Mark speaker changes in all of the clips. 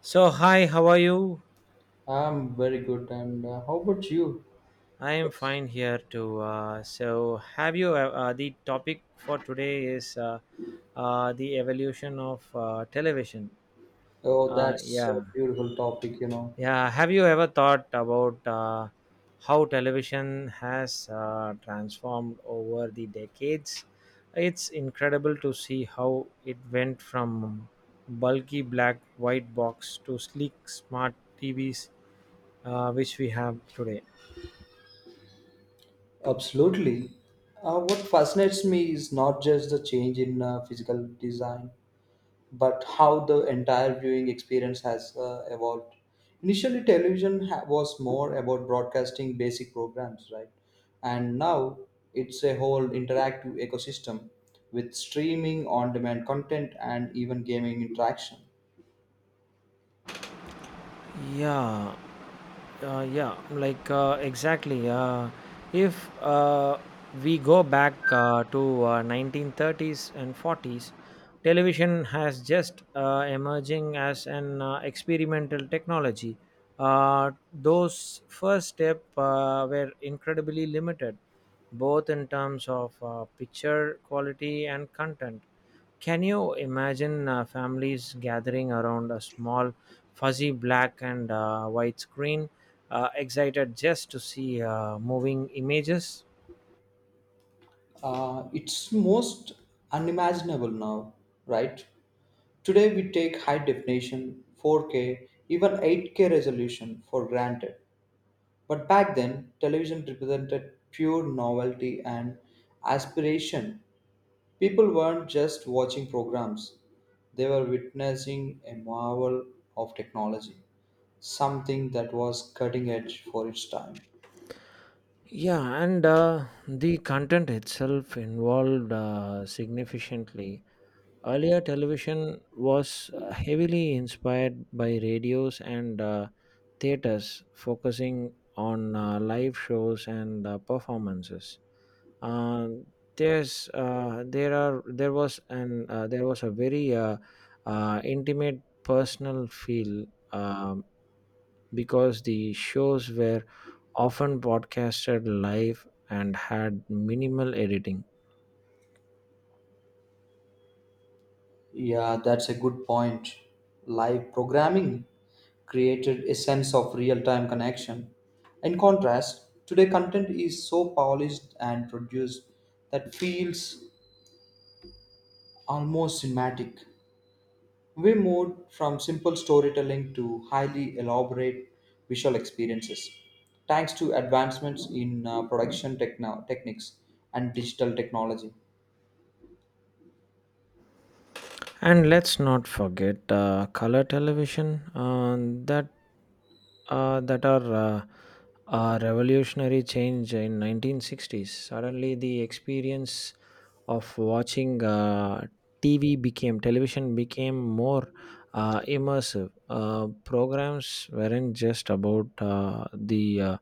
Speaker 1: So hi, how are you?
Speaker 2: I'm very good. And how about you?
Speaker 1: I am
Speaker 2: What's,
Speaker 1: fine here too. So have you? The topic for today is the evolution of television.
Speaker 2: oh,
Speaker 1: Uh,
Speaker 2: that's a
Speaker 1: yeah,
Speaker 2: beautiful topic.
Speaker 1: yeah. Have you ever thought about how television has transformed over the decades? It's incredible to see how it went from bulky black white box to sleek smart TVs, which we have today.
Speaker 2: Absolutely. What fascinates me is not just the change in physical design, but how the entire viewing experience has evolved. Initially, was more about broadcasting basic programs, right? And now it's a whole interactive ecosystem with streaming, on demand content, and even gaming interaction.
Speaker 1: Yeah, yeah, like exactly. If we go back to 1930s and 40s, television has just emerging as an experimental technology. Uh, those first step were incredibly limited, both in terms of picture quality and content. Can you imagine families gathering around a small, fuzzy black and white screen, excited just to see moving images?
Speaker 2: It's most unimaginable now, right? Today we take high definition, 4K, even 8K resolution for granted. But back then, television represented pure novelty and aspiration. People weren't just watching programs, they were witnessing a marvel of technology, something that was cutting edge for its time.
Speaker 1: Yeah, and the content itself involved significantly. Earlier, television was heavily inspired by radios and theaters, focusing on live shows and performances. Uh, there's there are there was an There was a very intimate personal feel, because the shows were often broadcasted live and had minimal editing.
Speaker 2: Yeah, that's a good point. Live programming created a sense of real time connection. In contrast, today content is so polished and produced that feels almost cinematic. We moved from simple storytelling to highly elaborate visual experiences, thanks to advancements in techniques and digital technology.
Speaker 1: And let's not forget color television that that are a revolutionary change in 1960s. Suddenly, the experience of watching uh, TV became television became more immersive. Programs weren't just about the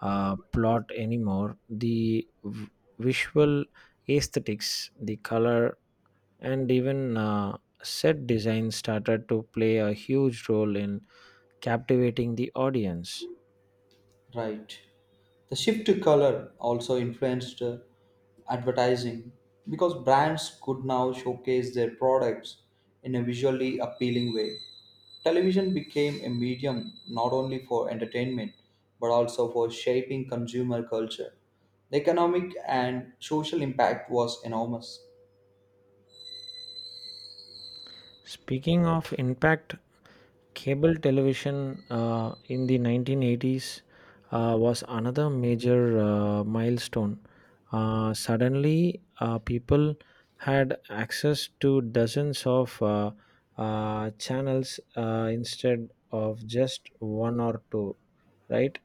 Speaker 1: plot anymore. Visual aesthetics, the color, and even set design started to play a huge role in captivating the audience.
Speaker 2: Right. The shift to color also influenced advertising because brands could now showcase their products in a visually appealing way. Television became a medium not only for entertainment but also for shaping consumer culture. The economic and social impact was enormous.
Speaker 1: Speaking of impact, cable television in the 1980s was another major milestone. Suddenly, people had access to dozens of channels instead of just one or two, right?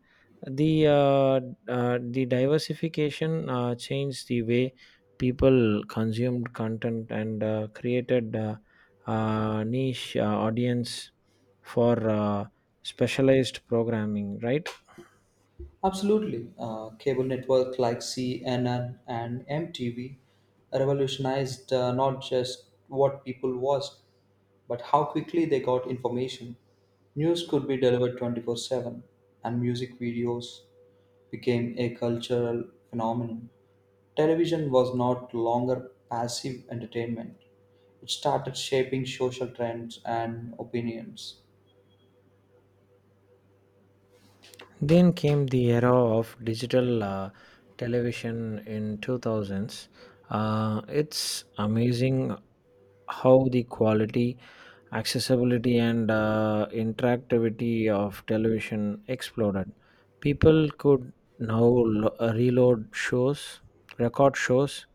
Speaker 1: The, uh, the diversification changed the way people consumed content and created niche audience for specialized programming, right?
Speaker 2: Absolutely. Cable networks like CNN and MTV revolutionized not just what people watched, but how quickly they got information. News could be delivered 24/7, and music videos became a cultural phenomenon. Television was not longer passive entertainment, it started shaping social trends and opinions.
Speaker 1: Then came the era of digital television in 2000s. It's amazing how the quality, accessibility, and interactivity of television exploded. People could now reload shows, record shows,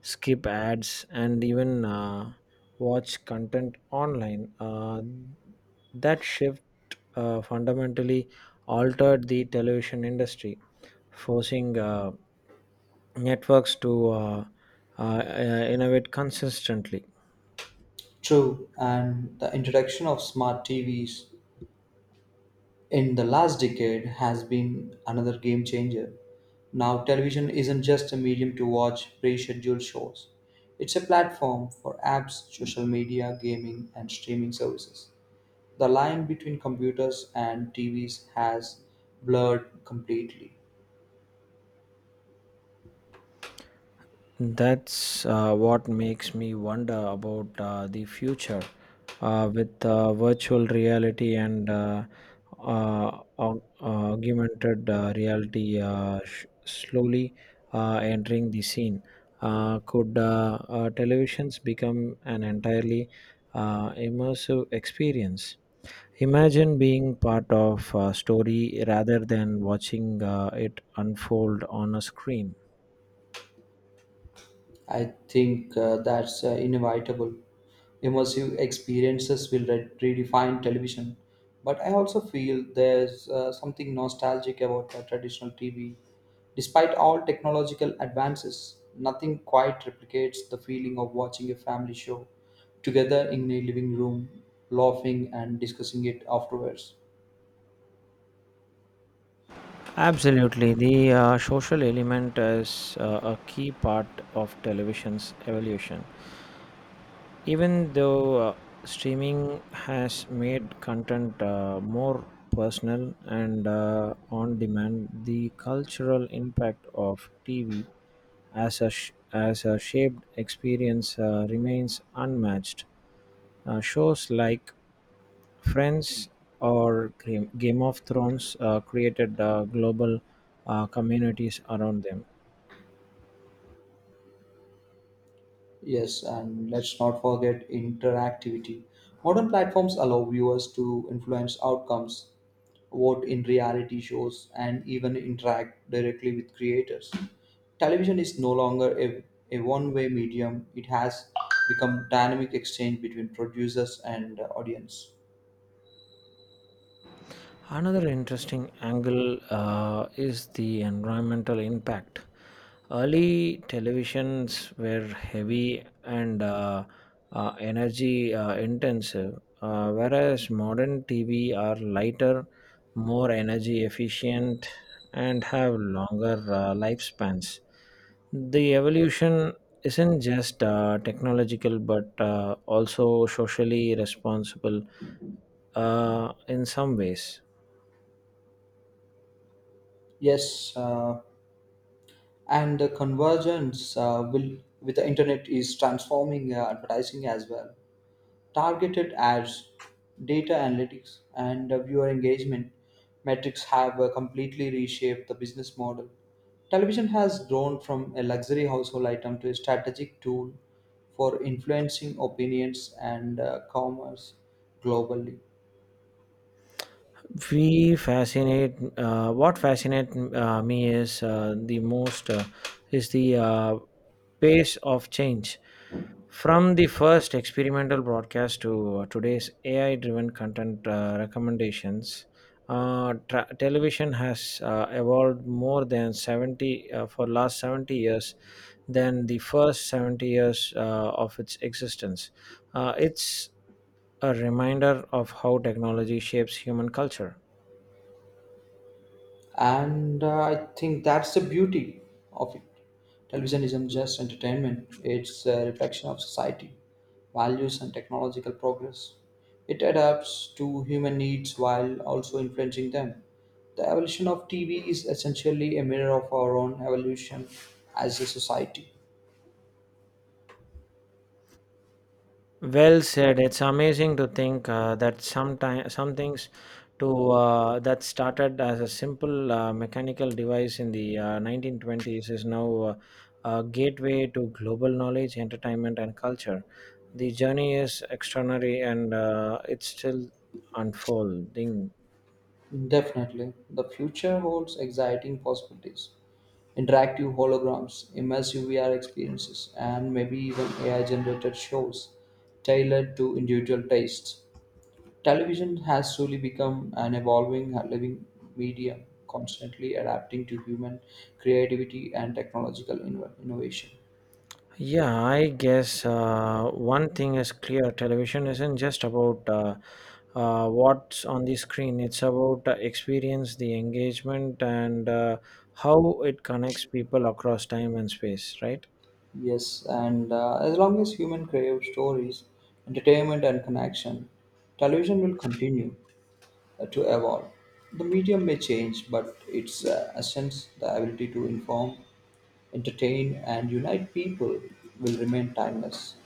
Speaker 1: skip ads, and even watch content online. That shift fundamentally altered the television industry, forcing networks to innovate consistently.
Speaker 2: True, and the introduction of smart TVs in the last decade has been another game changer. Now, television isn't just a medium to watch pre scheduled shows, it's a platform for apps, social media, gaming, and streaming services. The line between computers and TVs has blurred completely.
Speaker 1: That's what makes me wonder about the future with virtual reality and augmented reality slowly entering the scene. Could televisions become an entirely immersive experience? Imagine being part of a story rather than watching it unfold on a screen.
Speaker 2: I think that's inevitable. Immersive experiences will redefine television, but I also feel there's something nostalgic about the traditional TV. Despite all technological advances, nothing quite replicates the feeling of watching a family show together in a living room, laughing and discussing it afterwards.
Speaker 1: Absolutely. The social element is a key part of television's evolution. Even though streaming has made content more personal and on demand, the cultural impact of TV as a shaped experience remains unmatched. Shows like Friends or Game of Thrones created global communities around them.
Speaker 2: Yes, and let's not forget interactivity. Modern platforms allow viewers to influence outcomes, vote in reality shows, and even interact directly with creators. Television is no longer a one way medium, it has become dynamic exchange between producers and audience.
Speaker 1: Another interesting angle is the environmental impact. Early televisions were heavy and energy intensive, whereas modern TV are lighter, more energy efficient, and have longer lifespans. The evolution isn't just technological, but also socially responsible in some ways.
Speaker 2: Yes, and the convergence will with the internet is transforming advertising as well. Targeted ads, data analytics, and viewer engagement metrics have completely reshaped the business model. Television has grown from a luxury household item to a strategic tool for influencing opinions and commerce globally.
Speaker 1: We fascinate what fascinate me is the most is the pace of change from the first experimental broadcast to today's ai driven content recommendations. Television has evolved more than 70 uh, for last 70 years than the first 70 years of its existence. It's a reminder of how technology shapes human culture.
Speaker 2: And I think that's the beauty of it. Television isn't just entertainment, it's a reflection of society values and technological progress. It adapts to human needs while also influencing them. The evolution of TV is essentially a mirror of our own evolution as a society.
Speaker 1: Well said. It's amazing to think that sometime some things to that started as a simple mechanical device in the 1920s is now a gateway to global knowledge, entertainment, and culture. The journey is extraordinary, and it's still unfolding.
Speaker 2: Definitely the future holds exciting possibilities, interactive holograms, immersive VR experiences, and maybe even AI generated shows tailored to individual tastes. Television has slowly become an evolving, living medium, constantly adapting to human creativity and technological innovation.
Speaker 1: Yeah, I guess one thing is clear: television isn't just about what's on the screen, it's about experience, the engagement, and how it connects people across time and space, right?
Speaker 2: Yes, and as long as human crave stories, entertainment, and connection, television will continue to evolve. The medium may change, but its essence, the ability to inform, entertain, and unite people will remain timeless.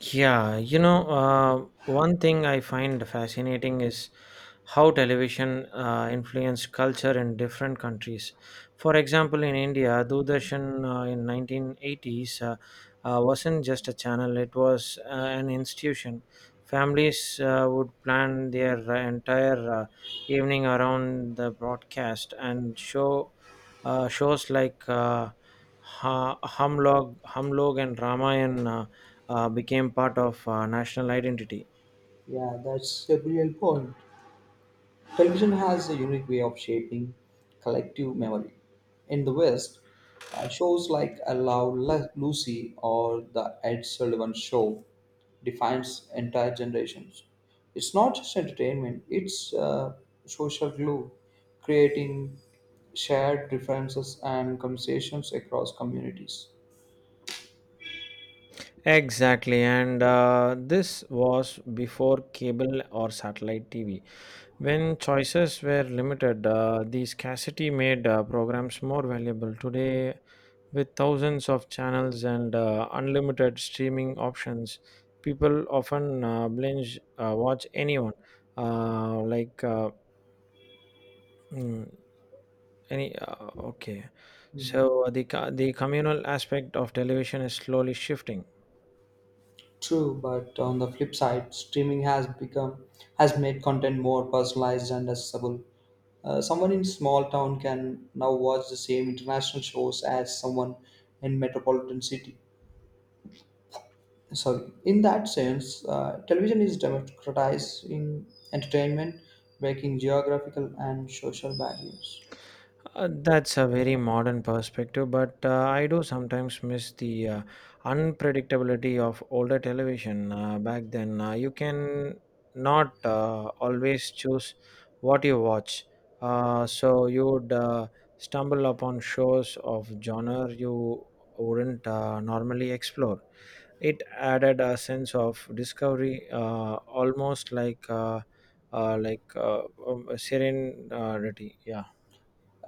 Speaker 1: Yeah. One thing I find fascinating is how television influenced culture in different countries. For example, in India, Doordarshan in 1980s wasn't just a channel; it was an institution. Families would plan their entire evening around the broadcast, and shows like Hamlog and Ramayan became part of national identity.
Speaker 2: Yeah, that's a brilliant point. Television has a unique way of shaping collective memory. In the West, shows like Lucy or The Ed Sullivan Show defines entire generations. It's not just entertainment, it's social glue, creating shared differences and conversations across communities.
Speaker 1: Exactly, and this was before cable or satellite TV. When choices were limited, the scarcity made programs more valuable. Today, with thousands of channels and unlimited streaming options, people often binge watch anyone. Like mm, Any Okay. So the communal aspect of television is slowly shifting.
Speaker 2: True, but on the flip side, streaming has become has made content more personalized and accessible. Someone in small town can now watch the same international shows as someone in metropolitan city. Sorry, in that sense, television is democratizing entertainment, breaking geographical and social barriers.
Speaker 1: That's a very modern perspective, but I do sometimes miss the unpredictability of older television. Back then, you can not always choose what you watch. So you would stumble upon shows of genre you wouldn't normally explore. It added a sense of discovery, almost like serenity. Yeah.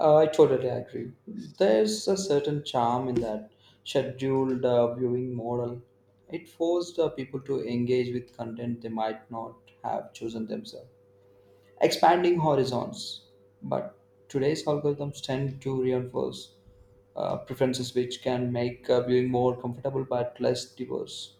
Speaker 2: I totally agree. There's a certain charm in that scheduled viewing model. It forced people to engage with content they might not have chosen themselves, expanding horizons. But today's algorithms tend to reinforce preferences which can make viewing more comfortable but less diverse.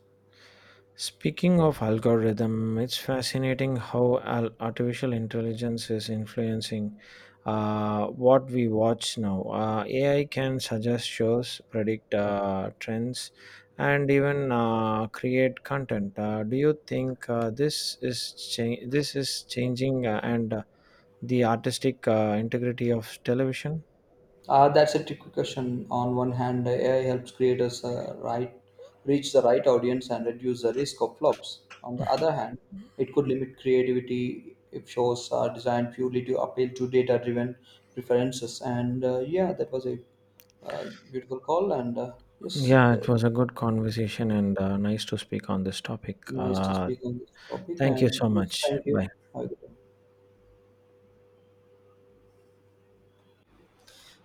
Speaker 1: Speaking of algorithm, it's fascinating how artificial intelligence is influencing what we watch now. AI can suggest shows, predict trends, and even create content. Do you think this is changing and the artistic integrity of television?
Speaker 2: That's a tricky question. On one hand, AI helps creators right, reach the right audience and reduce the risk of flops. On the other hand, it could limit creativity if shows are designed purely to appeal to data driven preferences. And yeah, that was a beautiful call. And yes,
Speaker 1: Yeah, it was a good conversation and nice to speak on this topic.
Speaker 2: nice to speak on this topic.
Speaker 1: Thank you
Speaker 2: And
Speaker 1: so
Speaker 2: yes,
Speaker 1: much.
Speaker 2: thank you.
Speaker 1: Bye.
Speaker 2: Have a good day.